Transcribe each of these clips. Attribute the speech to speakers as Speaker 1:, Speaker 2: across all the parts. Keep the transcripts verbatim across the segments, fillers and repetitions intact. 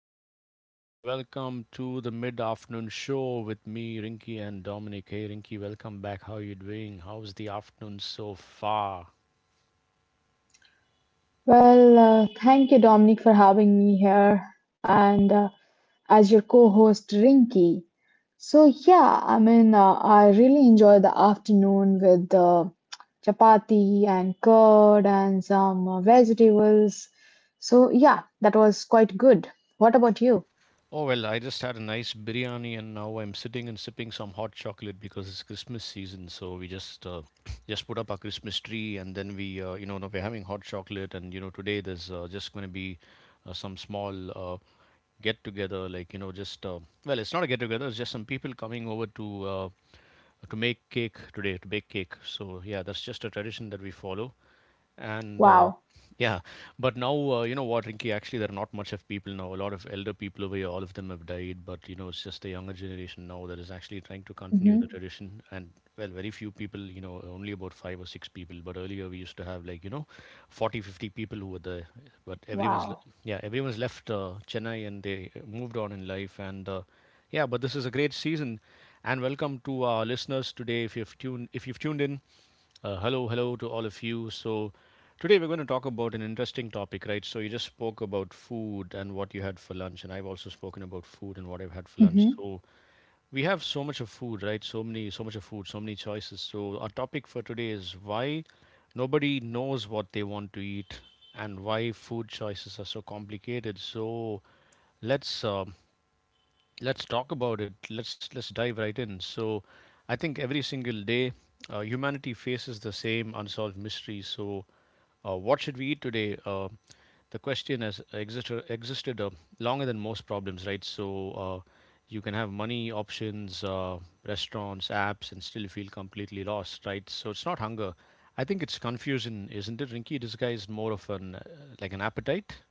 Speaker 1: day today, and welcome to the mid afternoon show with me, Rinky, and Dominic. Hey Rinky, welcome back. How are you doing? How's the afternoon so far?
Speaker 2: Well, uh, thank you, Dominic, for having me here and uh, as your co-host, Rinky. So yeah, I mean, uh, I really enjoy the afternoon with uh, chapati and curd and some uh, vegetables. So yeah, that was quite good. What about you?
Speaker 1: Oh, well, I just had a nice biryani, and now I'm sitting and sipping some hot chocolate because it's Christmas season. So we just uh, just put up our Christmas tree, and then we, uh, you know, now we're having hot chocolate. And you know, today there's uh, just going to be uh, some small uh, get together, like you know, just uh, well, it's not a get together. It's just some people coming over to uh, to make cake today, to bake cake. So yeah, that's just a tradition that we follow and uh,
Speaker 2: Wow.
Speaker 1: yeah, but now uh, you know what, Rinky, actually there are not much of people now. A lot of elder people over here, all of them have died, but you know, it's just the younger generation now that is actually trying to continue the
Speaker 2: Hmm.
Speaker 1: tradition, and well, very few people, you know, only about five or six people. But earlier we used to have like you know forty, fifty people who were there, but everyone's le-
Speaker 2: Wow.
Speaker 1: yeah, everyone's left uh, Chennai, and they moved on in life, and uh, yeah, but this is a great season. And welcome to our listeners today. If you've tuned if you've tuned in, uh, hello, hello to all of you. So, today we're going to talk about an interesting topic, right? So, you just spoke about food and what you had for lunch, and I've also spoken about food and what I've had for lunch. So, we have so much of food, right? So many, so much of food, so many choices. So, our topic for today is why nobody knows what they want to eat and why food choices are so complicated. So, let's um, Let's talk about it. Let's let's dive right in. So, I think every single day, uh, humanity faces the same unsolved mystery. So, uh, what should we eat today? Uh, the question has existed existed uh, longer than most problems, right? So, uh, you can have money options, uh, restaurants, apps, and still feel completely lost, right? So, it's not hunger. I think it's confusion, isn't it, Rinky? Disguised more of an uh, like an appetite.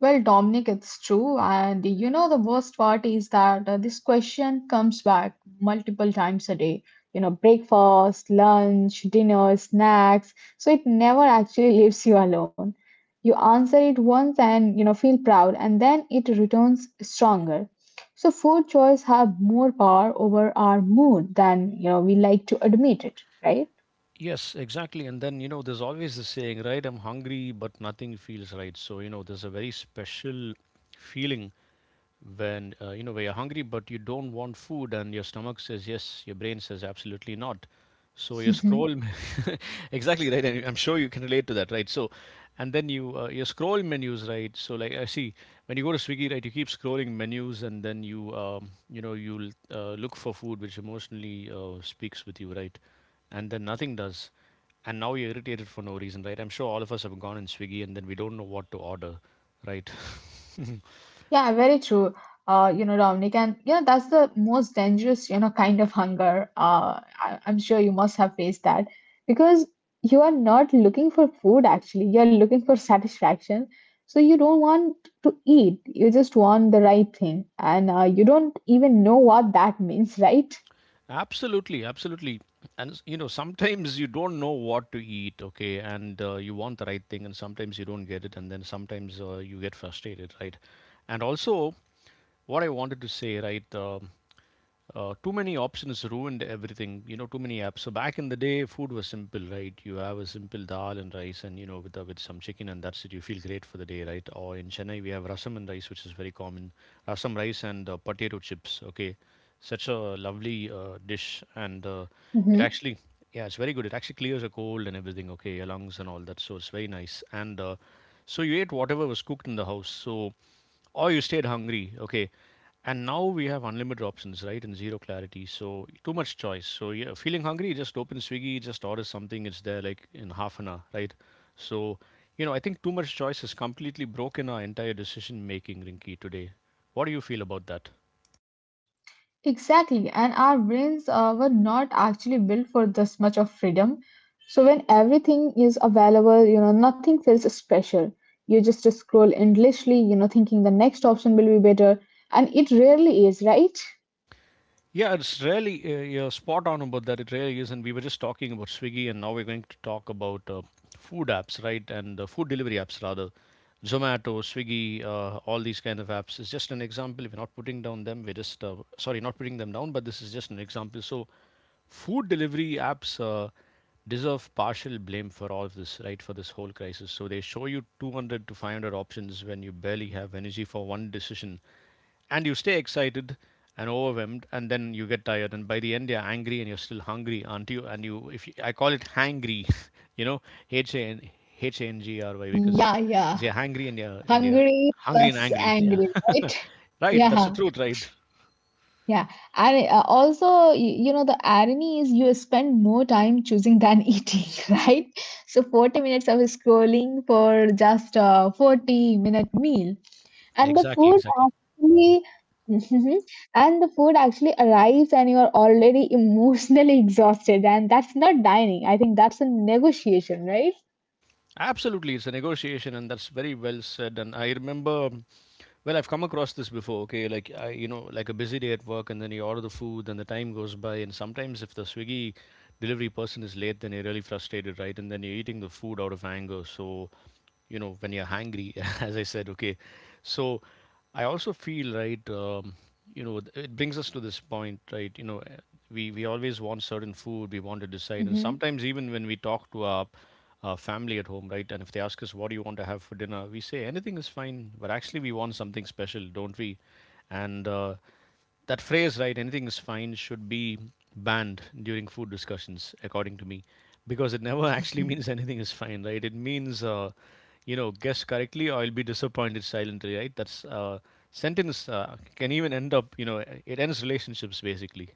Speaker 2: Well, Dominic, it's true. And you know, the worst part is that uh, this question comes back multiple times a day. You know, breakfast, lunch, dinner, snacks. So it never actually leaves you alone. You answer it once and, you know, feel proud, and then it returns stronger. So food choice have more power over our mood than, you know, we like to admit it, right?
Speaker 1: Yes, exactly. And then, you know, there's always the saying, right? I'm hungry, but nothing feels right. So, you know, there's a very special feeling when, uh, you know, where you're hungry, but you don't want food, and your stomach says yes, your brain says absolutely not. So you scroll. Exactly, right. And I'm sure you can relate to that, right? So, and then you uh, you scroll menus, right? So like I see, when you go to Swiggy, right, you keep scrolling menus, and then you um, you know you'll uh, look for food which emotionally uh, speaks with you, right? And then nothing does. And now you're irritated for no reason, right? I'm sure all of us have gone in Swiggy and then we don't know what to order, right?
Speaker 2: Yeah, very true. Uh, you know, Dominic, and you know that's the most dangerous, you know, kind of hunger. Uh, I, I'm sure you must have faced that because you are not looking for food actually. You're looking for satisfaction. So you don't want to eat. You just want the right thing, and uh, you don't even know what that means, right?
Speaker 1: Absolutely, absolutely. And you know, sometimes you don't know what to eat, okay, and uh, you want the right thing, and sometimes you don't get it, and then sometimes uh, you get frustrated, right? And also, what I wanted to say, right, uh, Uh, too many options ruined everything, you know, too many apps. So back in the day, food was simple, right? You have a simple dal and rice and, you know, with, uh, with some chicken, and that's it. You feel great for the day, right? Or in Chennai, we have rasam and rice, which is very common. Rasam rice and uh, potato chips, okay? Such a lovely uh, dish. And uh, it
Speaker 2: Mm-hmm.
Speaker 1: actually, yeah, it's very good. It actually clears a cold and everything, okay? Your lungs and all that. So it's very nice. And uh, so you ate whatever was cooked in the house. So, or you stayed hungry, okay. And now we have unlimited options, right, and zero clarity. So too much choice. So yeah, feeling hungry, just open Swiggy, just order something, it's there like in half an hour, right? So you know, I think too much choice has completely broken our entire decision making, Rinky, today. What do you feel about that?
Speaker 2: Exactly, and our brains uh, were not actually built for this much of freedom. So when everything is available, you know, nothing feels special. You just scroll endlessly, you know, thinking the next option will be better, and it rarely is, right?
Speaker 1: Yeah, it's really, uh, you're spot on about that. It really is, and we were just talking about Swiggy, and now we're going to talk about uh, food apps, right? And uh, food delivery apps rather, Zomato, Swiggy, uh, all these kind of apps. It's just an example. We're not putting down them. We're just, uh, sorry, not putting them down, but this is just an example. So, food delivery apps uh, deserve partial blame for all of this, right? For this whole crisis. So they show you two hundred to five hundred options when you barely have energy for one decision, and you stay excited and overwhelmed, and then you get tired, and by the end you're angry and you're still hungry, aren't you? And you, if you, I call it hangry. You know, h a n h a n g r y, because
Speaker 2: Yeah, yeah.
Speaker 1: you're hangry, and you're and you're
Speaker 2: Hungry
Speaker 1: hungry and
Speaker 2: plus
Speaker 1: angry. Yeah.
Speaker 2: angry, right?
Speaker 1: Right, that's the
Speaker 2: Yeah.
Speaker 1: truth, right?
Speaker 2: Yeah, and uh, also, y- you know, the irony is you spend more time choosing than eating, right? So forty minutes of scrolling for just a forty minute meal. And the
Speaker 1: Exactly,
Speaker 2: food
Speaker 1: exactly.
Speaker 2: actually, Mhm. and the food actually arrives and you are already emotionally exhausted. And that's not dining. I think that's a negotiation, right?
Speaker 1: Absolutely, it's a negotiation, and that's very well said. And I remember, well, I've come across this before. Okay, like I, you know, like a busy day at work, and then you order the food, and the time goes by, and sometimes if the Swiggy delivery person is late, then you're really frustrated, right? And then you're eating the food out of anger. So you know, when you're hangry, as I said, okay, so I also feel right. Um, you know, th- it brings us to this point, right? You know, eh, we we always want certain food. We want to decide, and
Speaker 2: Hmm.
Speaker 1: sometimes even when we talk to our uh, family at home, right? And if they ask us, "What do you want to have for dinner?" we say anything is fine, but actually we want something special, don't we? And uh, that phrase, right? Anything is fine should be banned during food discussions, according to me, because it never actually means anything is fine, right? It means, uh, you know, guess correctly or I'll be disappointed silently, right? That's uh, Sentence uh, can even end up, you know, it ends relationships basically.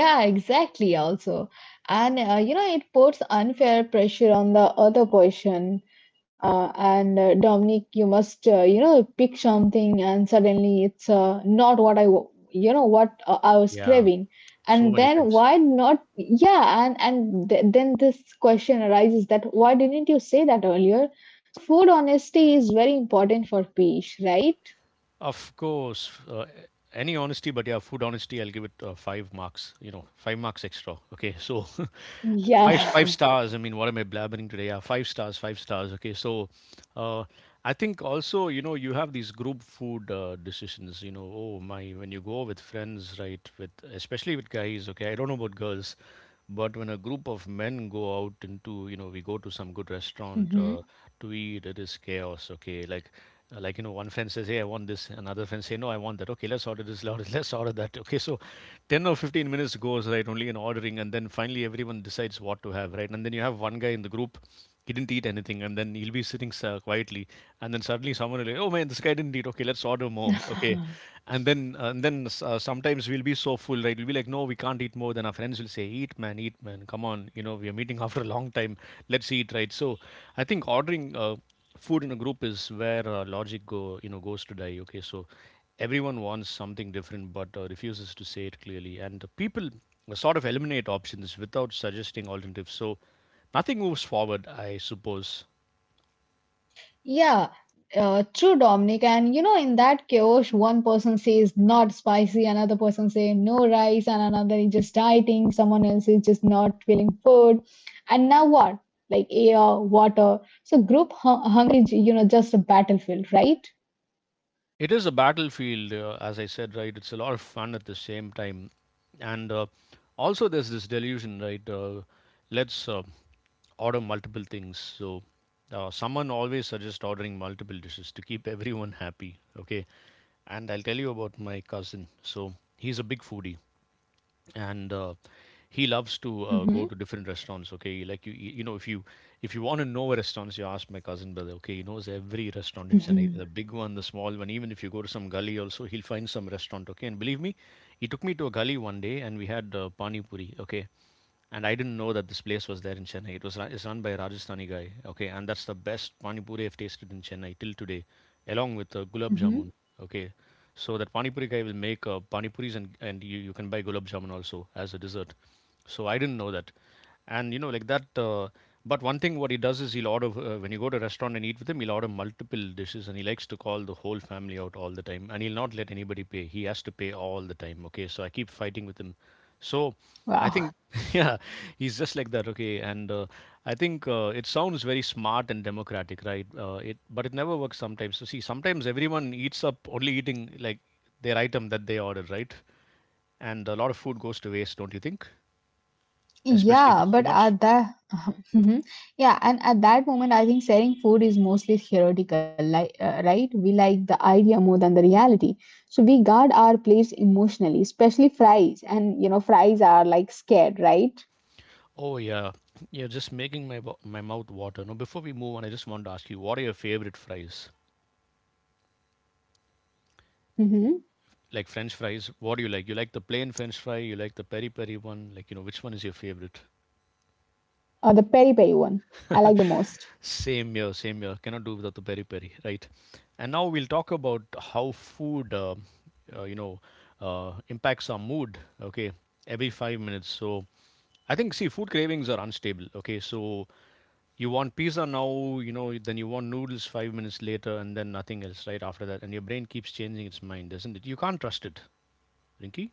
Speaker 2: Yeah, exactly. Also, and uh, you know, it puts unfair pressure on the other person. Uh, and uh, Dominic, you must, uh, you know, pick something, and suddenly it's uh, not what I, wa- you know, what uh, I was
Speaker 1: Yeah,
Speaker 2: craving.
Speaker 1: so
Speaker 2: And
Speaker 1: many
Speaker 2: then
Speaker 1: times.
Speaker 2: why not? Yeah, and and th- then this question arises that why didn't you say that earlier? Food honesty is very important for peace, right?
Speaker 1: Of course, uh, any honesty, but yeah, food honesty, I'll give it uh, five marks. You know, five marks extra. Okay, so
Speaker 2: Yeah.
Speaker 1: five five stars. I mean, what am I blabbering today? Yeah, five stars, five stars. Okay, so uh, I think also, you know, you have these group food uh, decisions. You know, oh my, when you go with friends, right? With especially with guys. Okay, I don't know about girls. But when a group of men go out into, you know, we go to some good restaurant
Speaker 2: Hmm.
Speaker 1: uh, to eat, it is chaos. Okay, like, uh, like you know, one friend says, "Hey, I want this," another friend say, "No, I want that." Okay, let's order this, let's let's order that. Okay, so ten or fifteen minutes goes right only in ordering, and then finally everyone decides what to have, right? And then you have one guy in the group, he didn't eat anything, and then he'll be sitting s- quietly, and then suddenly someone will be, like, "Oh man, this guy didn't eat. Okay, let's order more." Okay, and then uh, and then s- uh, sometimes we'll be so full, right? We'll be like, "No, we can't eat more." Then our friends will say, "Eat, man, eat, man. Come on, you know we are meeting after a long time. Let's eat, right?" So, I think ordering uh, food in a group is where uh, logic go you know goes to die. Okay, so everyone wants something different, but uh, refuses to say it clearly, and people sort of eliminate options without suggesting alternatives. So nothing moves forward, I suppose.
Speaker 2: Yeah, uh, true, Dominic. And you know, in that chaos, one person says not spicy, another person say no rice, and another is just dieting, someone else is just not feeling food. And now what? Like air, water. So group hu- hunger is, you know, just a battlefield, right?
Speaker 1: It is a battlefield, uh, as I said, right? It's a lot of fun at the same time. And uh, also, there's this delusion, right? Uh, let's uh, order multiple things. So, uh, someone always suggests ordering multiple dishes to keep everyone happy, okay? And I'll tell you about my cousin. So, he's a big foodie. And uh, he loves to uh, go
Speaker 2: Hmm.
Speaker 1: to different restaurants, okay? Like you you know, if you if you want to know where restaurants, you ask my cousin brother. Okay, he knows every restaurant in Chennai, the
Speaker 2: Mhm.
Speaker 1: big one, the small one. Even if you go to some gully also, he'll find some restaurant, okay? And believe me, he took me to a gully one day and we had uh, pani puri, okay? And I didn't know that this place was there in Chennai. It was run, it's run by a Rajasthani guy. Okay, and that's the best pani puri I've tasted in Chennai till today, along with uh, gulab
Speaker 2: Hmm.
Speaker 1: jamun. Okay, so that pani puri guy will make uh, pani puris, and and you, you can buy gulab jamun also as a dessert. So I didn't know that, and you know, like that uh, but one thing what he does is he'll order uh, when you go to a restaurant and eat with him, he'll order multiple dishes, and he likes to call the whole family out all the time, and he'll not let anybody pay, he has to pay all the time, okay? So I keep fighting with him. So I
Speaker 2: Wow.
Speaker 1: think yeah, he's just like that. Okay, and uh, I think uh, it sounds very smart and democratic, right? Uh, it but it never works sometimes. So see, sometimes everyone eats up, only eating like their item that they ordered, right? And a lot of food goes to waste, don't you think? Especially if
Speaker 2: Yeah,
Speaker 1: it's too
Speaker 2: but
Speaker 1: much.
Speaker 2: at that. Mhm. Yeah, and at that moment, I think sharing food is mostly theoretical, like, uh, right? We like the idea more than the reality. So we guard our plates emotionally, especially fries. And, you know, fries are like scared, right?
Speaker 1: Oh yeah, yeah. Just making my bo- my mouth water. Now before we move on, I just want to ask you, what are your favorite fries?
Speaker 2: Mm-hmm.
Speaker 1: Like French fries, what do you like? You like the plain French fry? You like the peri peri one? Like you know, which one is your favorite?
Speaker 2: Or the peri peri one. I like the most.
Speaker 1: Same here, same here. Cannot do without the peri peri, right? And now we'll talk about how food, uh, uh, you know, uh, impacts our mood. Okay, every five minutes. So I think, see, food cravings are unstable. Okay, so you want pizza now, you know, then you want noodles five minutes later, and then nothing else right after that. And your brain keeps changing its mind, doesn't it? You can't trust it, Rinki.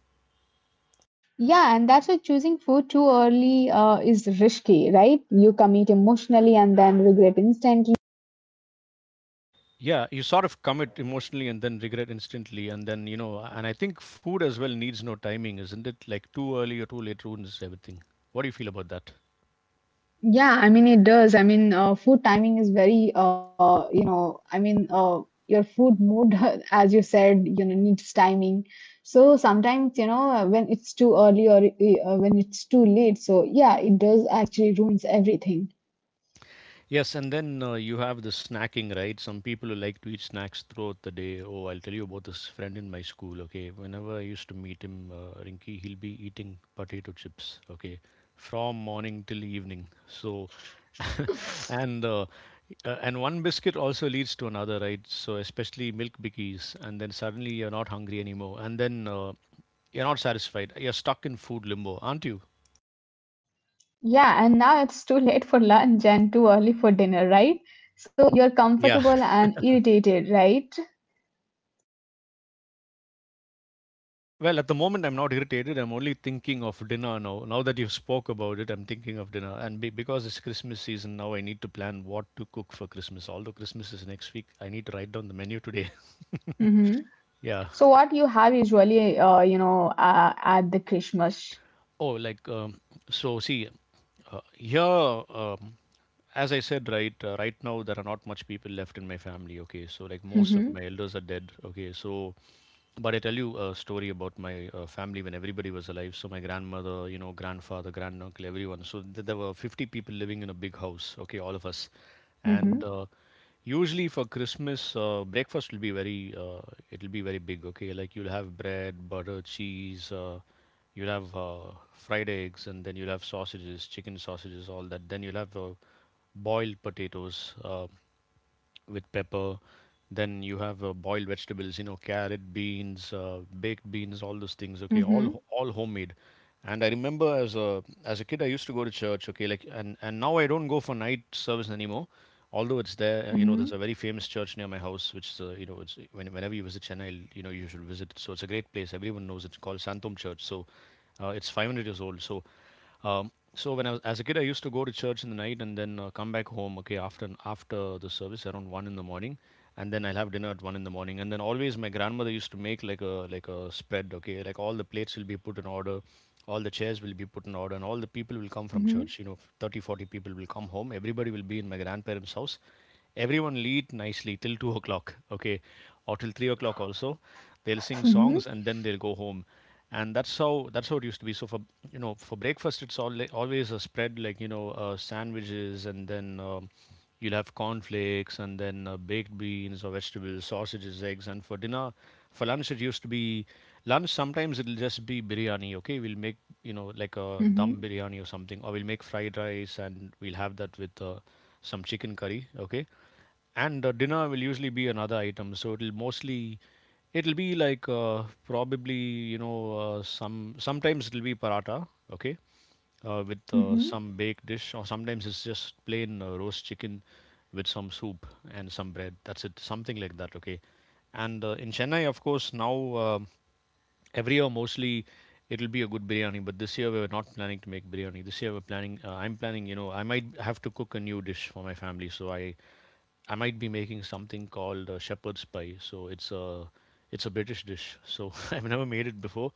Speaker 2: Yeah, and that's why choosing food too early uh, is risky, right? You commit emotionally and then regret instantly.
Speaker 1: Yeah, you sort of commit emotionally and then regret instantly. And then, you know, and I think food as well needs no timing, isn't it? Like too early or too late ruins everything. What do you feel about that?
Speaker 2: Yeah, I mean it does. I mean, uh, Food timing is very, uh, you know, I mean, uh, your food mood, as you said, you know, needs timing. So sometimes, you know, uh, when it's too early or uh, when it's too late, so yeah, it does actually ruins everything.
Speaker 1: Yes, and then uh, you have the snacking, right? Some people who like to eat snacks throughout the day. Oh, I'll tell you about this friend in my school, okay? Whenever I used to meet him, uh, Rinky, he'll be eating potato chips, okay? From morning till evening. So and uh, uh, and one biscuit also leads to another, right? So, especially milk bikkies, and then suddenly you're not hungry anymore, and then uh, you're not satisfied. You're stuck in food limbo, aren't you?
Speaker 2: Yeah, and now it's too late for lunch and too early for dinner, right? So you're
Speaker 1: Yeah.
Speaker 2: comfortable and irritated, right?
Speaker 1: Well, at the moment, I'm not irritated. I'm only thinking of dinner now. Now that you've spoke about it, I'm thinking of dinner. And be- because it's Christmas season now, I need to plan what to cook for Christmas. Although Christmas is next week, I need to write down the menu today.
Speaker 2: Mm-hmm.
Speaker 1: Yeah.
Speaker 2: So what you have usually, uh, you know, uh, at the Christmas.
Speaker 1: Oh, like um, so. See, uh, here, um, as I said, right, uh, right now there are not much people left in my family. Okay, so like most of
Speaker 2: Mm-hmm.
Speaker 1: my elders are dead. Okay, so but I tell you a story about my uh, family when everybody was alive. So my grandmother, you know, grandfather, granduncle, everyone. So th- there were fifty people living in a big house. Okay, all of us, and
Speaker 2: Mm-hmm.
Speaker 1: uh, usually for Christmas, uh, breakfast will be very uh, it'll be very big. Okay, like you'll have bread, butter, cheese. Uh, you'll have uh, fried eggs, and then you'll have sausages, chicken sausages, all that. Then you'll have uh, boiled potatoes. Uh, with pepper. Then you have uh, boiled vegetables, you know, carrot, beans, uh, baked beans, all those things. Okay, all
Speaker 2: Mm-hmm.
Speaker 1: ho- all homemade. And I remember as a as a kid, I used to go to church. Okay, like and and now I don't go for night service anymore. Although it's there, uh, you know, there's
Speaker 2: Mm-hmm.
Speaker 1: a very famous church near my house, which is, uh, you know, it's when, whenever you visit Chennai, you know, you should visit. So it's a great place. Everyone knows it. It's called Santom Church. So uh, it's five hundred years old. So um, so when I was as a kid, I used to go to church in the night and then uh, come back home. Okay, after after the service around one in the morning, and then I'll have dinner at one in the morning. And then always my grandmother used to make like a like a spread. Okay, like all the plates will be put in order, all the chairs will be put in order, and all the people will come from
Speaker 2: Mhm.
Speaker 1: church. You know, thirty forty people will come home. Everybody will be in my grandparents' house. Everyone will eat nicely till two o'clock. Okay, or till three o'clock also. They'll sing
Speaker 2: Mhm.
Speaker 1: songs and then they'll go home. And that's how that's how it used to be. So for, you know, for breakfast it's all always a spread, like, you know, uh, sandwiches, and then um, you'll have cornflakes, and then uh, baked beans or vegetables, sausages, eggs. And for dinner, for lunch it used to be, lunch sometimes it'll just be biryani. Okay, we'll make, you know, like a dum
Speaker 2: Mhm.
Speaker 1: biryani or something, or we'll make fried rice and we'll have that with uh, some chicken curry, okay? And uh, dinner will usually be another item. So it'll mostly, it'll be like uh, probably, you know, uh, some sometimes it'll be paratha. Okay, uh, with uh,
Speaker 2: Mhm.
Speaker 1: some baked dish, or sometimes it's just plain uh, roast chicken with some soup and some bread, that's it. Something like that, okay? And uh, in Chennai, of course, now um every year mostly it'll be a good biryani. But this year we're not planning to make biryani. This year we're planning, uh, I'm planning, you know, I might have to cook a new dish for my family. So i I might be making something called uh, shepherd's pie. So it's a, it's a British dish. So I've never made it before,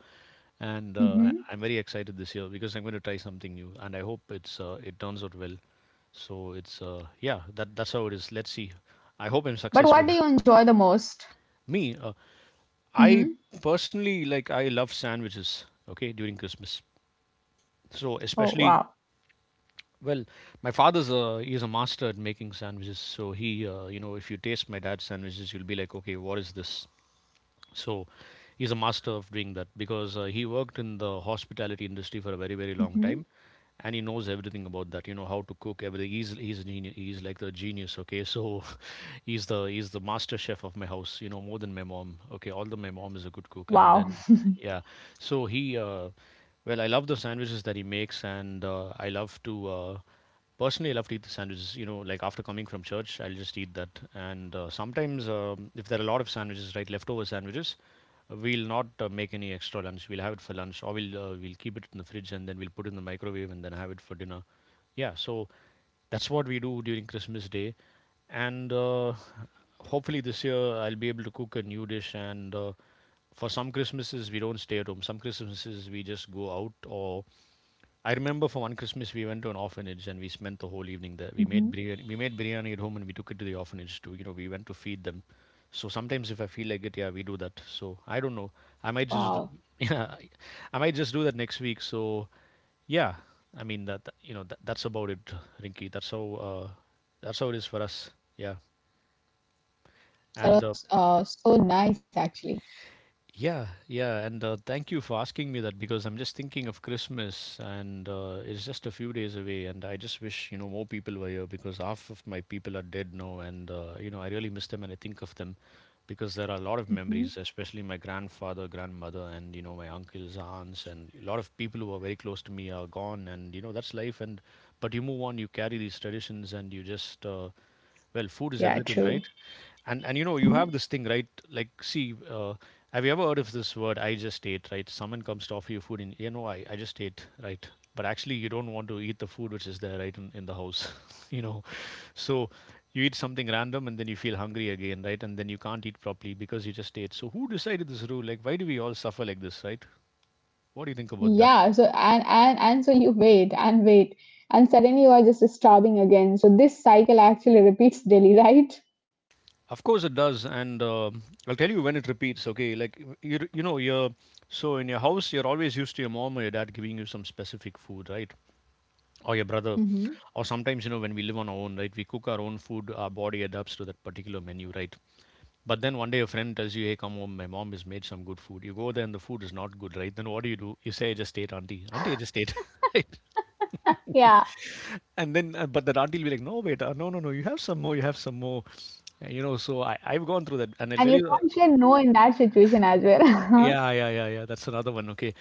Speaker 1: and uh,
Speaker 2: Mhm.
Speaker 1: I- I'm very excited this year because I'm going to try something new, and I hope it's uh, it turns out well. So it's uh, yeah, that that's how it is. Let's see. I hope I'm
Speaker 2: But
Speaker 1: successful.
Speaker 2: what do you enjoy the most?
Speaker 1: Me, uh, I
Speaker 2: Mhm.
Speaker 1: personally, like, I love sandwiches. Okay, during Christmas, so
Speaker 2: Oh
Speaker 1: especially,
Speaker 2: wow.
Speaker 1: well, my father's a he's a master at making sandwiches. So he, uh, you know, if you taste my dad's sandwiches, you'll be like, okay, what is this? So he's a master of doing that because uh, he worked in the hospitality industry for a very, very long
Speaker 2: Mhm.
Speaker 1: time, and he knows everything about that. You know how to cook everything. He's he's a genius. He's like the genius, okay? So he's the he's the master chef of my house, you know, more than my mom. Okay, although my mom is a good cook, and
Speaker 2: Wow.
Speaker 1: then yeah. So he uh well, I love the sandwiches that he makes, and uh, I love to uh, personally I love to eat the sandwiches. You know, like after coming from church, I'll just eat that. And uh, sometimes, um, if there are a lot of sandwiches, right, leftover sandwiches, uh, we'll not uh, make any extra lunch. We'll have it for lunch, or we'll uh, we'll keep it in the fridge and then we'll put it in the microwave and then have it for dinner. Yeah, so
Speaker 2: Mhm.
Speaker 1: that's what we do during Christmas Day. And uh, hopefully this year I'll be able to cook a new dish. And. Uh, for some Christmases we don't stay at home. Some Christmases we just go out. Or I remember for one Christmas we went to an orphanage and we spent the whole evening there. We
Speaker 2: Mhm.
Speaker 1: made biryani, we made biryani at home and we took it to the orphanage too. You know, we went to feed them. So sometimes if I feel like it, yeah, we do that. So I don't know. I might just do-
Speaker 2: Wow,
Speaker 1: Yeah, I might just do that next week. So yeah, I mean that, that- you know that, that's about it, Rinky. That's how uh, that's how it is for us. Yeah,
Speaker 2: that
Speaker 1: and uh,
Speaker 2: was uh, so nice actually.
Speaker 1: yeah, yeah, and uh, thank you for asking me that, because I'm just thinking of Christmas and uh, it's just a few days away, and I just wish, you know, more people were here, because half of my people are dead now, and uh, you know, I really miss them and I think of them, because there are a lot of
Speaker 2: Mhm.
Speaker 1: memories, especially my grandfather, grandmother, and, you know, my uncles, aunts, and a lot of people who are very close to me are gone, and, you know, that's life. And but you move on, you carry these traditions, and you just uh, well, food is
Speaker 2: Yeah,
Speaker 1: everything,
Speaker 2: true.
Speaker 1: right? And and, you know, you have
Speaker 2: Mhm.
Speaker 1: this thing, right? Like, see, uh, have you ever heard of this word? I just ate, right? Someone comes to offer you food, and, you know, I I just ate, right? But actually, you don't want to eat the food which is there, right, in, in the house, you know. So you eat something random, and then you feel hungry again, right? And then you can't eat properly because you just ate. So who decided this rule? Like, why do we all suffer like this, right? What do you think about that?
Speaker 2: Yeah, so and and and so you wait and wait, and suddenly you are just starving again. So this cycle actually repeats daily, right?
Speaker 1: Of course it does, and uh, I'll tell you when it repeats. Okay, like you you know, you're so in your house, you're always used to your mom or your dad giving you some specific food, right? Or your brother,
Speaker 2: Mhm.
Speaker 1: or, sometimes, you know, when we live on our own, right? We cook our own food. Our body adapts to that particular menu, right? But then one day a friend tells you, "Hey, come home. My mom has made some good food." You go there and the food is not good, right? Then what do you do? You say, "I just ate, auntie. Auntie, I just ate." Right?
Speaker 2: Yeah,
Speaker 1: And then, uh, but that auntie will be like, "No, wait, uh, no, no, no. You have some more. You have some more." Uh, You know, so I, I've gone through that, and I'll
Speaker 2: and
Speaker 1: tell
Speaker 2: you
Speaker 1: you. Uh,
Speaker 2: can't say no in that situation as well.
Speaker 1: yeah, yeah, yeah, yeah. That's another one. Okay.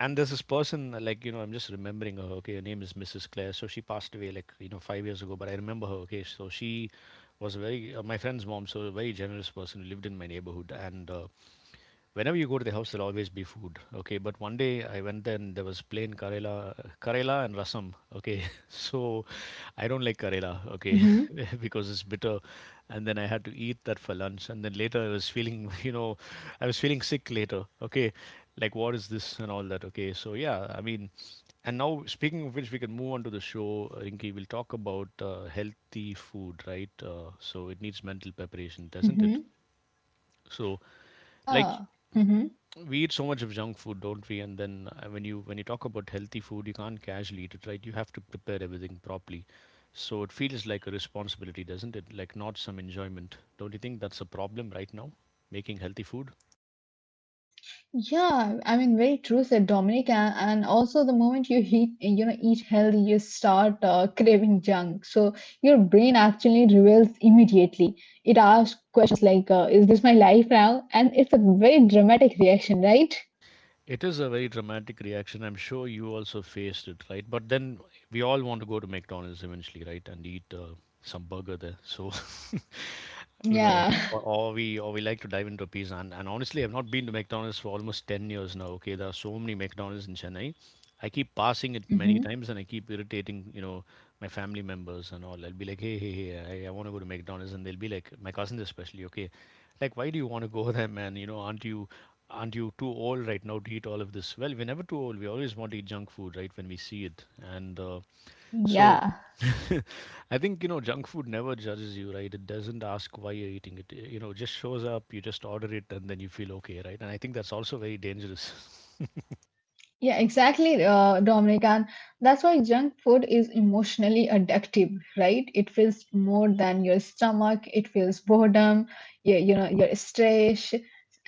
Speaker 1: And there's this person, uh, like, you know, I'm just remembering her. Okay. Her name is Missus Claire. So she passed away, like, you know, five years ago, but I remember her. Okay. So she was a very, uh, my friend's mom, so a very generous person who lived in my neighborhood. And uh, whenever you go to the house, there'll always be food. Okay. But one day I went there and there was plain karela, karela and rasam. Okay. So I don't like karela, okay,
Speaker 2: Mhm.
Speaker 1: because it's bitter. And then I had to eat that for lunch. And then later I was feeling, you know, I was feeling sick later, okay, like, what is this and all that, okay. So yeah, I mean, and now, speaking of which, we can move on to the show, Rinki. We'll talk about uh, healthy food, right? Uh, so it needs mental preparation, doesn't
Speaker 2: Mhm.
Speaker 1: it? So, like,
Speaker 2: Yeah.
Speaker 1: we eat so much of junk food, don't we? And then uh, when you when you talk about healthy food, you can't casually eat it, right? You have to prepare everything properly, so it feels like a responsibility, doesn't it? Like, not some enjoyment. Don't you think that's a problem right now, making healthy food?
Speaker 2: Yeah, I mean, very true said Dominic. And, and also, the moment you eat, you know, eat healthy, you start uh, craving junk. So your brain actually reveals immediately. It asks questions like, uh, "Is this my life now?" And it's a very dramatic reaction, right?
Speaker 1: It is a very dramatic reaction. I'm sure you also faced it, right? But then we all want to go to McDonald's eventually, right? And eat uh, some burger there. So, you know,
Speaker 2: Yeah.
Speaker 1: or, or we or we like to dive into pizza. And, and, honestly, I've not been to McDonald's for almost ten years now. Okay, there are so many McDonald's in Chennai. I keep passing it many
Speaker 2: Mhm.
Speaker 1: times and I keep irritating, you know, my family members and all. I'll be like, hey, hey, hey, I, I want to go to McDonald's. And they'll be like, my cousins especially, okay, like, why do you want to go there, man? You know, aren't you aren't you too old right now to eat all of this? Well, we're never too old. We always want to eat junk food, right, when we see it. And uh, so
Speaker 2: Yeah.
Speaker 1: I think, you know, junk food never judges you, right? It doesn't ask why you're eating it. You know, it just shows up, you just order it, and then you feel okay, right? And I think that's also very dangerous.
Speaker 2: Yeah, exactly, uh, Dominic. And that's why junk food is emotionally addictive, right? It feels more than your stomach. It feels boredom, you, you know, your stress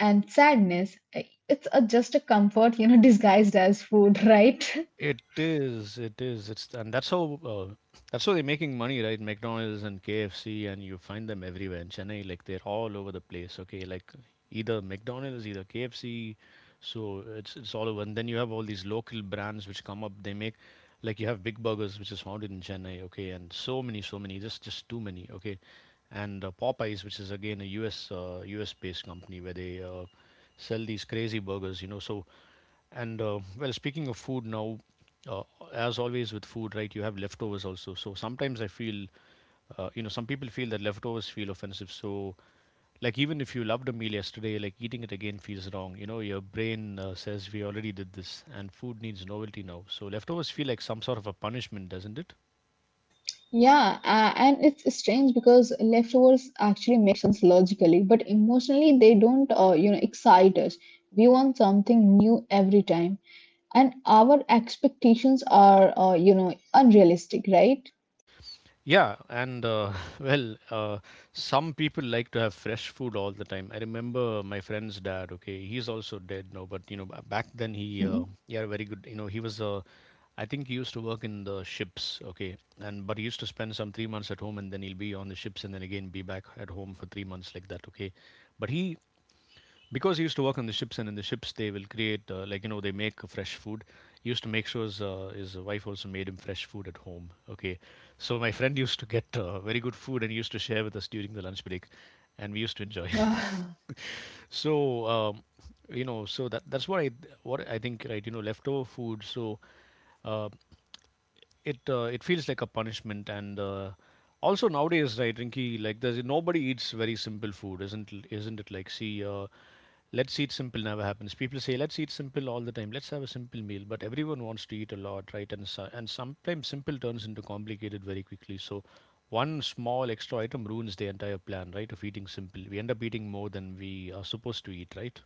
Speaker 2: and sadness. It's a, just a comfort, you know, disguised as food, right?
Speaker 1: It is, it is. It's, and that's how uh, that's how they're making money, right? McDonald's and K F C, and you find them everywhere in Chennai. Like, they're all over the place. Okay, like either McDonald's, either K F C. So it's it's all over. And then you have all these local brands which come up. They make, like, you have Big Burgers, which is founded in Chennai. Okay, and so many, so many, just just too many. Okay, and uh, Popeyes, which is again a U S uh, U S based company where they uh, sell these crazy burgers. You know, so. And uh, well, speaking of food now, uh, as always with food, right, you have leftovers also. So sometimes I feel, uh, you know, some people feel that leftovers feel offensive. So, like, even if you loved a meal yesterday, like, eating it again feels wrong. You know, your brain uh, says, we already did this, and food needs novelty now. So, leftovers feel like some sort of a punishment, doesn't it?
Speaker 2: Yeah, uh, and it's strange because leftovers actually make sense logically, but emotionally they don't, uh, you know, excite us. We want something new every time. And our expectations are uh, you know unrealistic right.
Speaker 1: Yeah, and uh, well, uh, some people like to have fresh food all the time. I remember my friend's dad. Okay, he's also dead now, but, you know, ba- back then he, uh,
Speaker 2: Mhm.
Speaker 1: yeah, very good. You know, he was uh, I think he used to work in the ships. Okay, and but he used to spend some three months at home, and then he'll be on the ships, and then again be back at home for three months like that. Okay, but he, because he used to work on the ships and in the ships they will create, uh, like, you know, they make fresh food, he used to make sure his, uh, his wife also made him fresh food at home, okay. So my friend used to get uh, very good food and he used to share with us during the lunch break, and we used to enjoy.
Speaker 2: Wow.
Speaker 1: So um, you know, so that that's what I what i think, right? You know, leftover food, so uh, it uh, it feels like a punishment. And uh, also, nowadays, right, Rinky, like, there's nobody eats very simple food, isn't isn't it? Like, see, uh, let's eat simple never happens. People say let's eat simple all the time, let's have a simple meal, but everyone wants to eat a lot, right? And so, and sometimes simple turns into complicated very quickly. So one small extra item ruins the entire plan, right, of eating simple. We end up eating more than we are supposed to eat, right?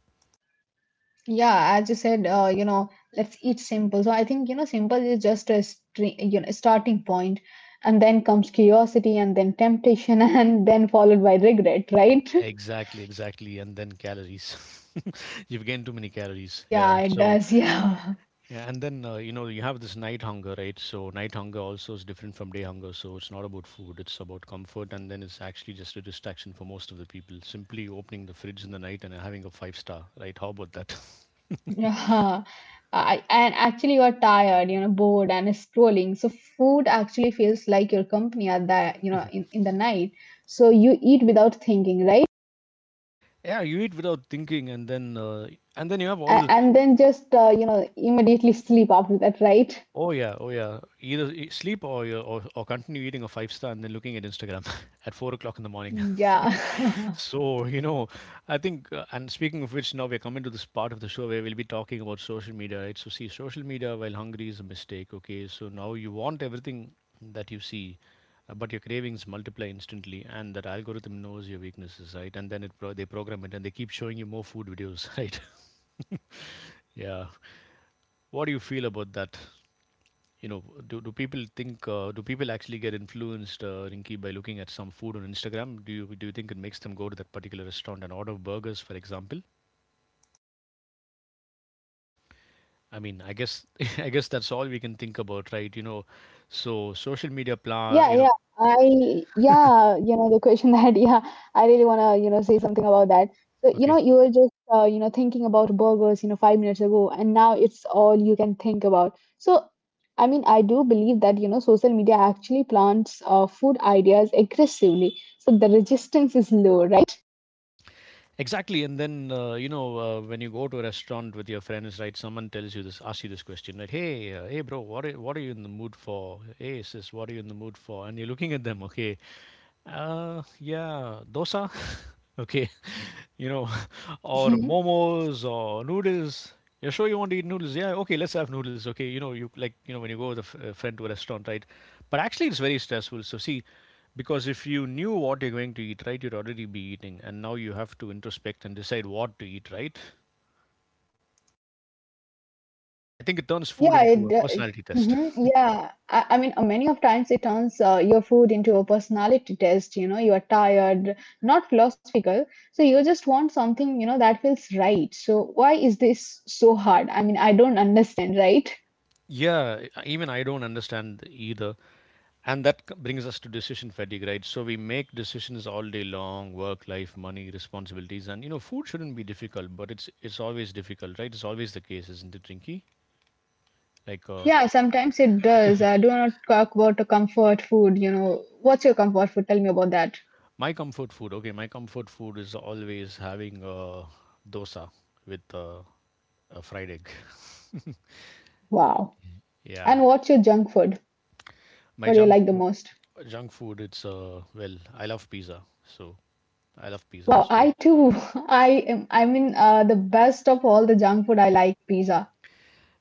Speaker 2: Yeah, as you said, uh, you know, let's eat simple. So I think, you know, simple is just a stre- you know, starting point, and then comes curiosity, and then temptation, and then followed by regret, right?
Speaker 1: Exactly, exactly, and then calories. You've gained too many calories.
Speaker 2: Yeah,
Speaker 1: Yeah,
Speaker 2: it
Speaker 1: so
Speaker 2: does. Yeah.
Speaker 1: yeah. And then uh, you know, you have this night hunger, right? So night hunger also is different from day hunger. So it's not about food; it's about comfort, and then it's actually just a distraction for most of the people. Simply opening the fridge in the night and having a Five Star, right? How about that?
Speaker 2: Yeah. I, and actually, you are tired, you know, bored, and scrolling. So food actually feels like your company at that, you know, in, in the night. So you eat without thinking, right?
Speaker 1: Yeah, you eat without thinking, and then uh, and then you have all
Speaker 2: A-
Speaker 1: this.
Speaker 2: and then just uh, you know immediately sleep after that right.
Speaker 1: Oh yeah, oh yeah. Either e- sleep, or you or, or continue eating a Five Star and then looking at Instagram at four o'clock in the morning.
Speaker 2: Yeah.
Speaker 1: So, you know, I think, uh, and, speaking of which, now we're coming to this part of the show where we'll be talking about social media, right? So, see, social media while hungry is a mistake, okay? So, now you want everything that you see, uh, but your cravings multiply instantly, and that algorithm knows your weaknesses, right? And then it pro- they program it and they keep showing you more food videos, right? Yeah. What do you feel about that?
Speaker 2: Mhm.
Speaker 1: You know, do, do people think, uh, do people actually get influenced, uh, Rinki, by looking at some food on Instagram? Do you, do you think it makes them go to that particular restaurant and order burgers, for example? I mean, I guess, I guess that's all we can think about, right? You know, so social media plan,
Speaker 2: yeah
Speaker 1: you know,
Speaker 2: yeah I yeah you know the question that yeah I really want to you know say something about that so you know
Speaker 1: okay,
Speaker 2: you were just uh, you know thinking about burgers you know five minutes ago and now it's all you can think about so I mean I do believe that you know social media actually plants uh, food ideas aggressively so the resistance is low right.
Speaker 1: exactly. And then, uh, you know, uh, when you go to a restaurant with your friends, right? Someone tells you this, asks you this question, like, hey, uh, hey, bro, what are, what are you in the mood for? Hey, sis, what are you in the mood for? And you're looking at them, okay, uh, yeah, dosa, okay, you know, or momos or noodles. You're sure you want to eat noodles? Yeah, okay, let's have noodles. Okay, you know, you, like, you know, when you go with a f- a friend to a restaurant, right? But actually, it's very stressful. So, see, because if you knew what you're going to eat, right, you'd already be eating, and now you have to introspect and decide what to eat, right? I think it turns food
Speaker 2: Yeah,
Speaker 1: into a
Speaker 2: it do-
Speaker 1: personality test.
Speaker 2: Mhm. Yeah, I, I mean, uh, many of times it turns uh, your food into a personality test. You know, you are tired, not philosophical, so you just want something, you know, that feels right. So why is this so hard? I mean, I don't understand, right?
Speaker 1: Yeah, I- even I don't understand either. And that c- brings us to decision fatigue, right? So we make decisions all day long — work, life, money, responsibilities — and you know, food shouldn't be difficult, but it's it's always difficult, right? It's always the case, isn't it, Rinky? Like uh,
Speaker 2: Yeah, sometimes it does. I do not talk about the comfort food. You know, what's your comfort food? Tell me about that.
Speaker 1: my comfort food, okay, my comfort food is always having a dosa with uh, a fried egg.
Speaker 2: Wow.
Speaker 1: Yeah,
Speaker 2: And what's your junk food?
Speaker 1: my
Speaker 2: What do you
Speaker 1: junk
Speaker 2: like the
Speaker 1: fo-
Speaker 2: most?
Speaker 1: junk food, it's uh, well, I love pizza, so I love pizza, so
Speaker 2: I too. I am. I mean, uh, the best of all the junk food I like pizza.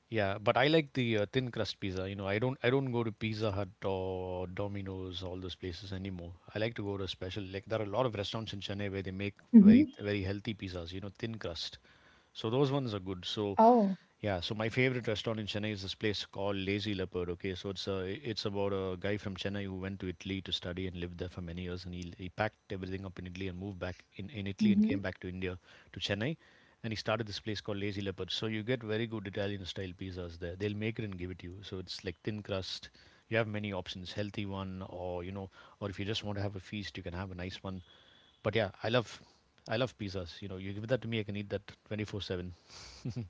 Speaker 1: Yeah, but I like the uh, thin crust pizza. You know, I don't I don't go to Pizza Hut or Domino's, all those places anymore. I like to go to a special, like there are a lot of restaurants in Chennai where they make very
Speaker 2: Mm-hmm.
Speaker 1: very healthy pizzas, you know, thin crust. So those ones are good. So
Speaker 2: Oh,
Speaker 1: yeah, so my favorite restaurant in Chennai is this place called Lazy Leopard. Okay, so it's a, it's about a guy from Chennai who went to Italy to study and lived there for many years, and he he packed everything up in Italy and moved back in, in Italy and
Speaker 2: hmm.
Speaker 1: came back to India to Chennai, and he started this place called Lazy Leopard. So you get very good Italian style pizzas there. They'll make it and give it to you. So it's like thin crust. You have many options, healthy one, or you know, or if you just want to have a feast, you can have a nice one. But yeah, I love I love pizzas. You know, you give that to me, I can eat that twenty four seven.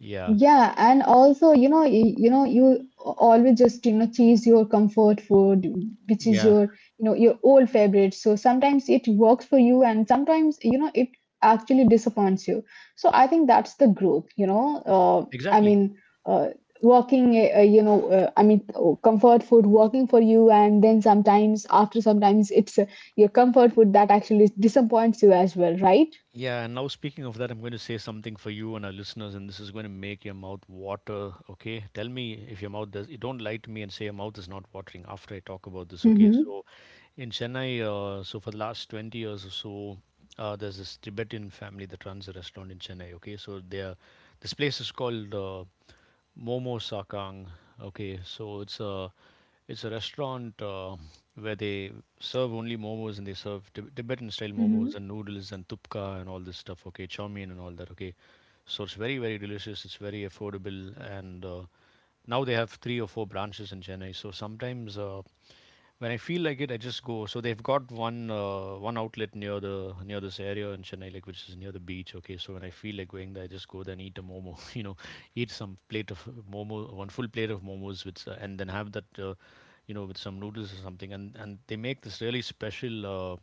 Speaker 1: Yeah,
Speaker 2: Yeah, and also, you know, y- you know, you always just, you know, choose your comfort food, which is
Speaker 1: yeah,
Speaker 2: your, you know, your old favorite. So sometimes it works for you, and sometimes, you know, it actually disappoints you. So I think that's the growth, you know. Uh, I
Speaker 1: exactly.
Speaker 2: mean, uh, working, uh, uh, you know, uh, I mean, oh, Comfort food working for you, and then sometimes after sometimes it's uh, your comfort food that actually disappoints you as well, right?
Speaker 1: Yeah, and now speaking of that, I'm going to say something for you and our listeners, and this is going to make your mouth water. Okay, tell me if your mouth does. You don't lie to me and say your mouth is not watering after I talk about this. Okay,
Speaker 2: Mm-hmm.
Speaker 1: so in Chennai, uh, so for the last twenty years or so, uh, there's this Tibetan family that runs a restaurant in Chennai. Okay, so they're this place is called, Uh, Momo Sakang. Okay, so it's a it's a restaurant uh, where they serve only momos, and they serve Tib- Tibetan style momos and noodles and tupka and all this stuff. Okay, chow mein and all that. Okay, so it's very very delicious. It's very affordable, and uh, now they have three or four branches in Chennai. So sometimes uh, when I feel like it, I just go. So they've got one uh, one outlet near the near this area in Chennai, like, which is near the beach. Okay, so when I feel like going there, I just go there and eat a momo. You know, eat some plate of momo, one full plate of momos, with, uh, and then have that, uh, you know, with some noodles or something. And and they make this really special, Uh,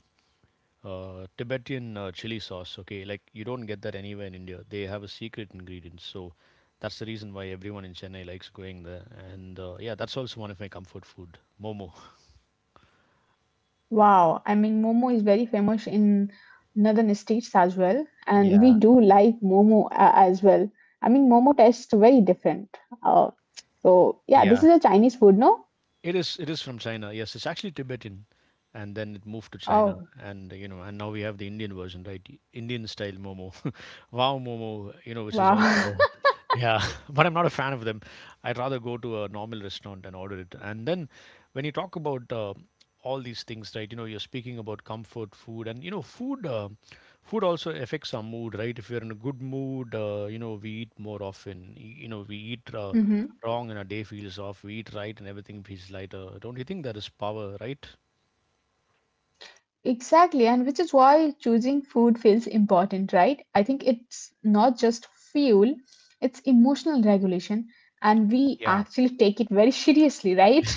Speaker 1: uh, Tibetan uh, chili sauce, okay, like you don't get that anywhere in India. They have a secret ingredient, so that's the reason why everyone in Chennai likes going there. And uh, yeah, that's also one of my comfort food, momo.
Speaker 2: Wow, I mean, Momo is very famous in northern states as well, and we
Speaker 1: Yeah,
Speaker 2: do like Momo uh, as well. I mean, Momo tastes very different. Uh, so, yeah, this
Speaker 1: yeah.
Speaker 2: is a Chinese food, no?
Speaker 1: It is it is from China. Yes, it's actually Tibetan, and then it moved to China,
Speaker 2: Oh,
Speaker 1: and you know, and now we have the Indian version, right? I- Indian style momo, wow momo, you know, which is also
Speaker 2: wow.
Speaker 1: there. Yeah, but I'm not a fan of them. I'd rather go to a normal restaurant and order it. And then when you talk about uh, all these things, right? You know, you're speaking about comfort food, and you know, food, uh, food also affects our mood, right? If you're in a good mood, uh, you know, we eat more often. y- You know, we eat Uh,
Speaker 2: Hmm.
Speaker 1: wrong and our day feels off. We eat right and everything feels lighter. Don't you think that is power, right?
Speaker 2: Exactly, and which is why choosing food feels important, right? I think it's not just fuel, it's emotional regulation, and we
Speaker 1: Yeah,
Speaker 2: actually take it very seriously, right?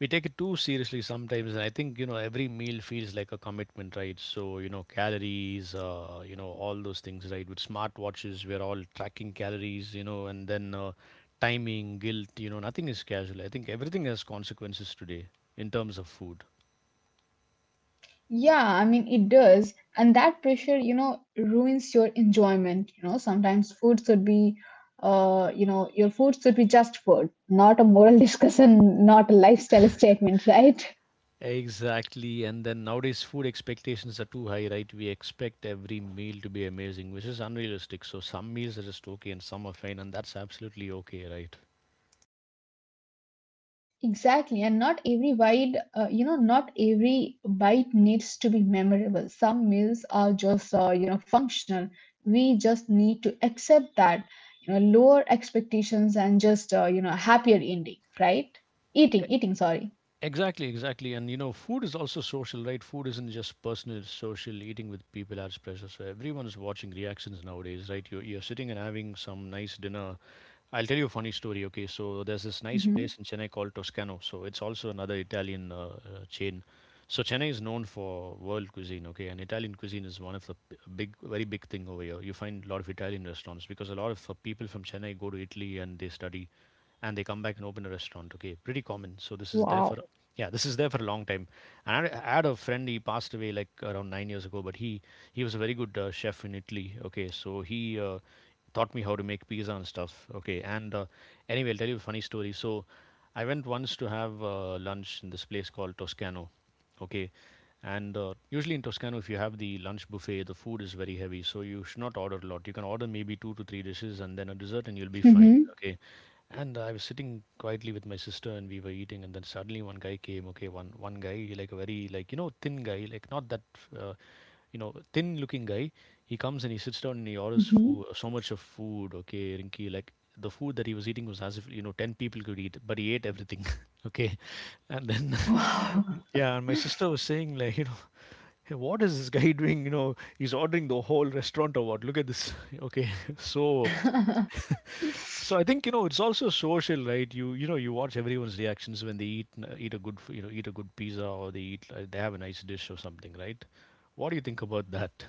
Speaker 1: we take it too seriously sometimes, and I think you know every meal feels like a commitment, right? So you know calories, uh, you know all those things, right? With smartwatches, we're all tracking calories, you know, and then uh, timing, guilt, you know, nothing is casual. I think everything has consequences today in terms of food.
Speaker 2: Yeah, I mean, it does. And that pressure, you know, ruins your enjoyment. You know, sometimes food should be, uh, you know, your food should be just food, not a moral discussion, not a lifestyle statement, right?
Speaker 1: Exactly, and then nowadays food expectations are too high, right? We expect every meal to be amazing, which is unrealistic. So some meals are just okay and some are fine, and that's absolutely okay, right?
Speaker 2: Exactly. And not every bite, uh, you know, not every bite needs to be memorable. Some meals are just, uh, you know, functional. We just need to accept that, you know, lower expectations and just, uh, you know, a happier ending, right? Eating, eating, sorry.
Speaker 1: Exactly, exactly. And you know, food is also social, right? Food isn't just personal, it's social. Eating with people adds pressure. So everyone is watching reactions nowadays, right? You're, you're sitting and having some nice dinner. I'll tell you a funny story, okay? So there's this nice
Speaker 2: Hmm.
Speaker 1: place in Chennai called Toscano. So it's also another Italian uh, uh, chain. So Chennai is known for world cuisine, okay? And Italian cuisine is one of the p- big, very big thing over here. You find a lot of Italian restaurants because a lot of uh, people from Chennai go to Italy and they study and they come back and open a restaurant. Okay, pretty common. So this is there for
Speaker 2: Wow.
Speaker 1: yeah, this is there for a long time. And I I had a friend. He passed away like around nine years ago, but he he was a very good uh, chef in Italy. Okay, so he uh, taught me how to make pizza and stuff. Okay, and uh, anyway, I'll tell you a funny story. So I went once to have uh, lunch in this place called Toscano. Okay. And uh, usually in Toscano, if you have the lunch buffet, the food is very heavy, so you should not order a lot. You can order maybe two to three dishes and then a dessert, and you'll be fine.
Speaker 2: Mm-hmm.
Speaker 1: Okay. And I was sitting quietly with my sister, and we were eating, and then suddenly one guy came. Okay, one one guy, like a very, like, you know, thin guy, like not that uh, you know, thin looking guy. He comes and he sits down and he orders
Speaker 2: Mm-hmm.
Speaker 1: food, so much of food. Okay, Rinky, like the food that he was eating was as if you know ten people could eat, but he ate everything. Okay, and then,
Speaker 2: Wow.
Speaker 1: yeah, and my sister was saying, like, you know, hey, what is this guy doing? You know, he's ordering the whole restaurant or what? Look at this. Okay. So, so I think, you know, it's also social, right? You, you know, you watch everyone's reactions when they eat, n- eat a good, f- you know, eat a good pizza, or they eat, like, they have a nice dish or something, right? What do you think about that?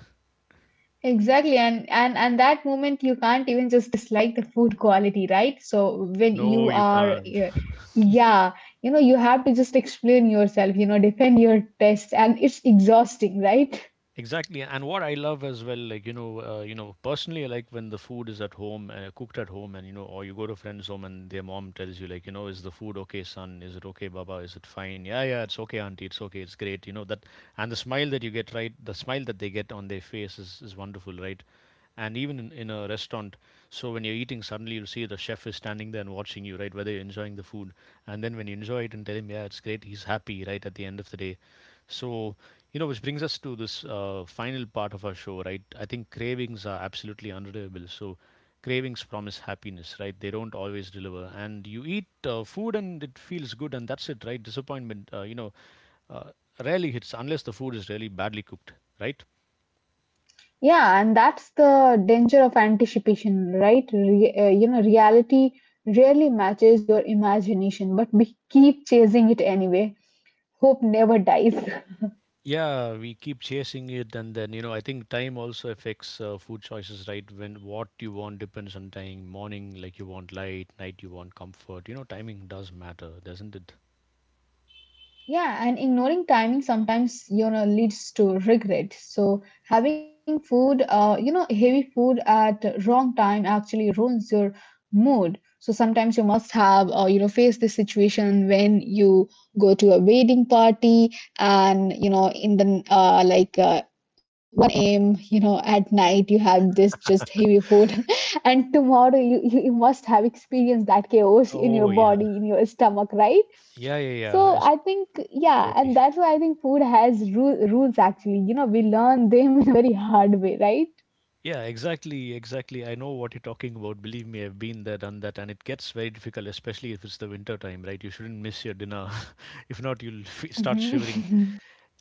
Speaker 2: exactly and and and that moment you can't even just dislike the food quality right so when
Speaker 1: No,
Speaker 2: you
Speaker 1: you
Speaker 2: are
Speaker 1: can't.
Speaker 2: uh, yeah you know you have to just explain yourself you know defend your test and it's exhausting right.
Speaker 1: Exactly, and what I love as well, like, you know, uh, you know, personally, I like when the food is at home and uh, cooked at home, and you know, or you go to a friend's home and their mom tells you, like, you know, is the food okay, son? Is it okay, Baba? Is it fine? Yeah, yeah, it's okay, auntie. It's okay. It's great. You know that, and the smile that you get, right? The smile that they get on their face is is wonderful, right? And even in, in a restaurant, so when you're eating, suddenly you'll see the chef is standing there and watching you, right? Whether you're enjoying the food, and then when you enjoy it and tell him, yeah, it's great, he's happy, right? At the end of the day, so, you know, which brings us to this uh, final part of our show, right? I think cravings are absolutely unreliable. So, cravings promise happiness, right? They don't always deliver. And you eat uh, food and it feels good, and that's it, right? Disappointment, uh, you know, uh, rarely hits unless the food is really badly cooked, right?
Speaker 2: Yeah, and that's the danger of anticipation, right? Re- uh, you know, reality rarely matches your imagination, but we keep chasing it anyway. Hope never dies.
Speaker 1: Yeah, we keep chasing it, and then you know, I think time also affects uh, food choices, right? When what you want depends on time. Morning, like, you want light; night, you want comfort. You know, timing does matter, doesn't it?
Speaker 2: Yeah, and ignoring timing sometimes, you know, leads to regret. So having food, uh, you know, heavy food at wrong time actually ruins your mood. So sometimes you must have, uh, you know, face this situation when you go to a wedding party and you know in the uh, like. Uh, a m. You know, at night you have this just heavy food, and tomorrow you, you you must have experienced that chaos in your
Speaker 1: Oh yeah.
Speaker 2: body, in your stomach, right?
Speaker 1: Yeah, yeah, yeah.
Speaker 2: So
Speaker 1: It's
Speaker 2: I think yeah,
Speaker 1: totally.
Speaker 2: and that's why I think food has ru- rules. Actually, you know, we learn them in a very hard way, right?
Speaker 1: Yeah, exactly, exactly. I know what you're talking about. Believe me, I've been there, done that, and it gets very difficult, especially if it's the winter time, right? You shouldn't miss your dinner. If not, you'll f start
Speaker 2: Mhm.
Speaker 1: shivering.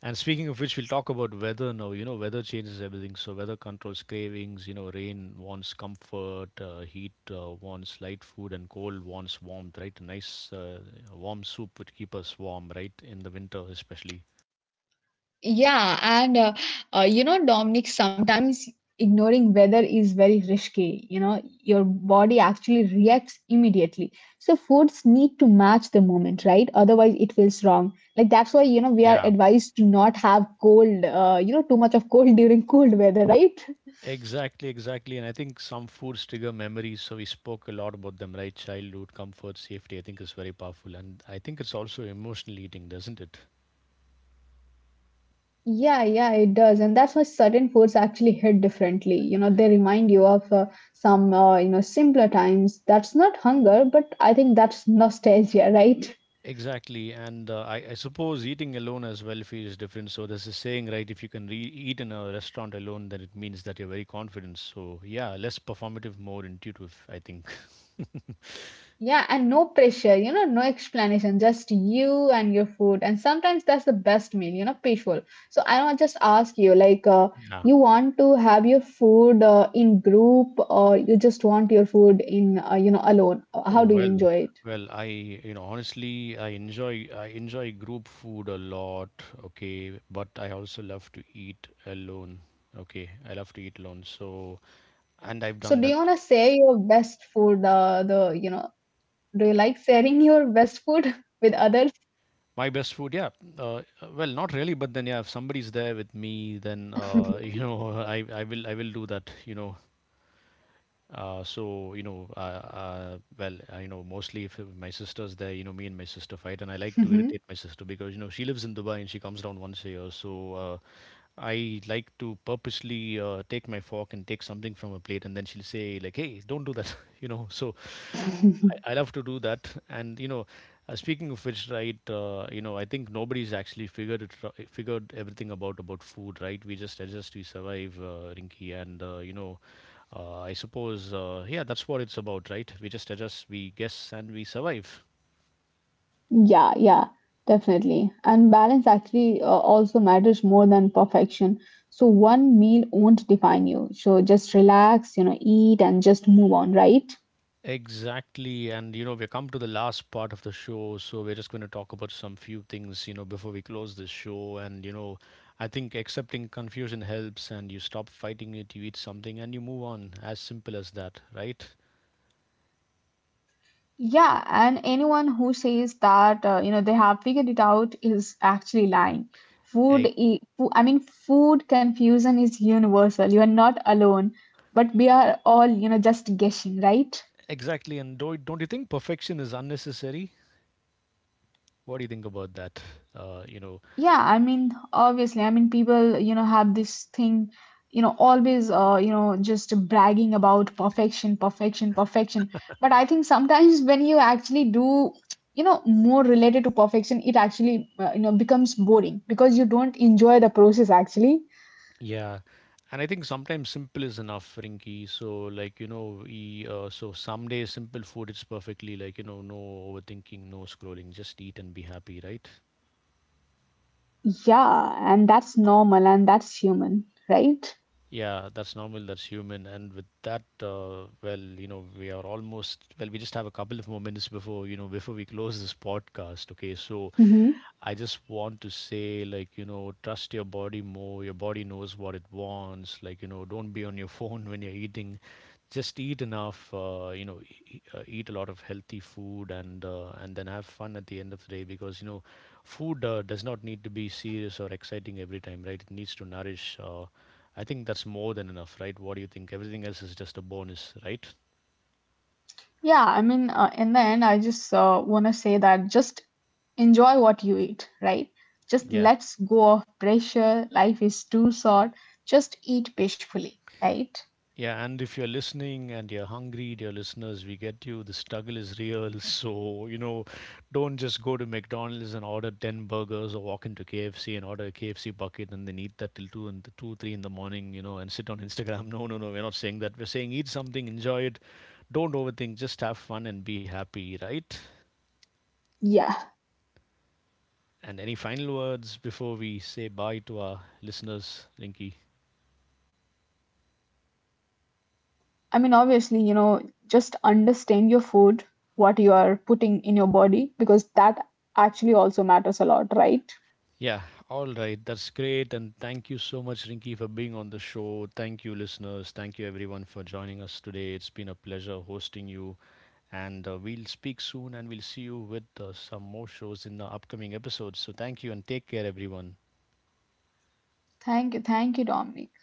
Speaker 1: And speaking of which, we'll talk about weather now. You know, weather changes everything. So weather controls cravings. You know, rain wants comfort, uh, heat uh, wants light food, and cold wants warmth, right? A nice uh, warm soup would keep us warm, right? In the winter, especially.
Speaker 2: Yeah, and uh, uh, you know, Dominic, sometimes ignoring weather is very risky. You know, your body actually reacts immediately. So foods need to match the moment, right? Otherwise, it feels wrong. Like that's why, you know, we are
Speaker 1: Yeah,
Speaker 2: advised to not have cold, uh, you know, too much of cold during cold weather, right?
Speaker 1: exactly, exactly. And I think some foods trigger memories. So we spoke a lot about them, right? Childhood, comfort, safety, I think is very powerful. And I think it's also emotional eating, doesn't it?
Speaker 2: Yeah, yeah, it does. And that's why certain foods actually hit differently. You know, they remind you of uh, some, uh, you know, simpler times. That's not hunger, but I think that's nostalgia, right?
Speaker 1: Exactly. And uh, I, I suppose eating alone as well feels different. So there's a saying, right? If you can re eat in a restaurant alone, then it means that you're very confident. So yeah, less performative, more intuitive, I think.
Speaker 2: Yeah, and no pressure, you know, no explanation, just you and your food. And sometimes that's the best meal, you know, peaceful. So I want just ask you, like, uh,
Speaker 1: Yeah.
Speaker 2: you want to have your food uh, in group or you just want your food in, uh, you know, alone? Uh, How
Speaker 1: Oh
Speaker 2: do you
Speaker 1: well,
Speaker 2: enjoy it?
Speaker 1: well, I you know honestly I enjoy I enjoy group food a lot, okay, but I also love to eat alone. Okay, I love to eat alone. So, and I've
Speaker 2: So
Speaker 1: done
Speaker 2: do
Speaker 1: that.
Speaker 2: you want to share your best food, uh, the, you know, do you like sharing your best food with others?
Speaker 1: My best food, yeah. Uh, well, not really, but then yeah, if somebody's there with me, then uh, you know, I I will I will do that, you know. Uh, so you know, uh, uh, well, uh, you know, Mostly if my sister's there, you know, me and my sister fight, and I like to irritate my sister because you know she lives in Dubai and she comes down once a year. So uh, I like to purposely uh, take my fork and take something from her plate, and then she'll say like, "Hey, don't do that," you know. So
Speaker 2: Mhm.
Speaker 1: I, I love to do that, and you know, uh, speaking of which, right, uh, you know, I think nobody's actually figured it, ro- figured everything about about food, right? We just adjust, we survive, uh, Rinky, and uh, you know. Uh, I suppose, uh, yeah, that's what it's about, right? We just adjust, we guess, and we survive.
Speaker 2: Yeah, yeah, definitely. And balance actually uh, also matters more than perfection. So one meal won't define you. So just relax, you know, eat and just move on, right?
Speaker 1: Exactly. And, you know, we've come to the last part of the show. So we're just going to talk about some few things, you know, before we close this show. And, you know, I think accepting confusion helps and you stop fighting it, you eat something and you move on. As simple as that, right?
Speaker 2: Yeah, and anyone who says that uh, you know they have figured it out is actually lying. Food,
Speaker 1: E-
Speaker 2: i- fo- I mean, food confusion is universal. You are not alone, but we are all you know just guessing, right?
Speaker 1: Exactly. And do, don't you think perfection is unnecessary? What do you think about that? Uh, you know,
Speaker 2: Yeah, I mean, obviously, I mean, people, you know, have this thing, you know, always, uh, you know, just bragging about perfection, perfection, perfection. But I think sometimes when you actually do, you know, more related to perfection, it actually, uh, you know, becomes boring because you don't enjoy the process actually.
Speaker 1: Yeah, and I think sometimes simple is enough, Rinky. So like you know, we uh, so some days simple food is perfectly like you know, no overthinking, no scrolling, just eat and be happy, right?
Speaker 2: Yeah, and that's normal and that's human, right?
Speaker 1: Yeah, that's normal, that's human, and with that, uh, well, you know, we are almost well. We just have a couple of more minutes before you know before we close this podcast. Okay, so
Speaker 2: Mm-hmm.
Speaker 1: I just want to say, like, you know, trust your body more. Your body knows what it wants. Like, you know, don't be on your phone when you're eating. Just eat enough uh, you know e- e, uh, eat a lot of healthy food and uh, and then have fun at the end of the day because you know food uh, does not need to be serious or exciting every time, right? It needs to nourish uh, I think that's more than enough, right? What do you think? Everything else is just a bonus, right?
Speaker 2: Yeah, I mean, uh, in the end, I just uh, want to say that just enjoy what you eat, right? Just
Speaker 1: Yeah.
Speaker 2: let's go of pressure. Life is too short. Just eat peacefully, right?
Speaker 1: Yeah, and if you're listening and you're hungry, dear listeners, we get you. The struggle is real. So, you know, don't just go to McDonald's and order ten burgers or walk into K F C and order a K F C bucket and then eat that till 2 and 2 three in the morning, you know, and sit on Instagram. No, no, no, we're not saying that. We're saying eat something, enjoy it. Don't overthink, just have fun and be happy, right?
Speaker 2: Yeah.
Speaker 1: And any final words before we say bye to our listeners, Rinky?
Speaker 2: Uh, I mean, obviously, you know, just understand your food, what you are putting in your body, because that actually also matters a lot, right?
Speaker 1: Yeah, all right. That's great. And thank you so much, Rinky, for being on the show. Thank you, listeners. Thank you, everyone, for joining us today. It's been a pleasure hosting you. And uh, we'll speak soon and we'll see you with uh, some more shows in the upcoming episodes. So thank you and take care, everyone.
Speaker 2: Thank you, thank you, Dominic.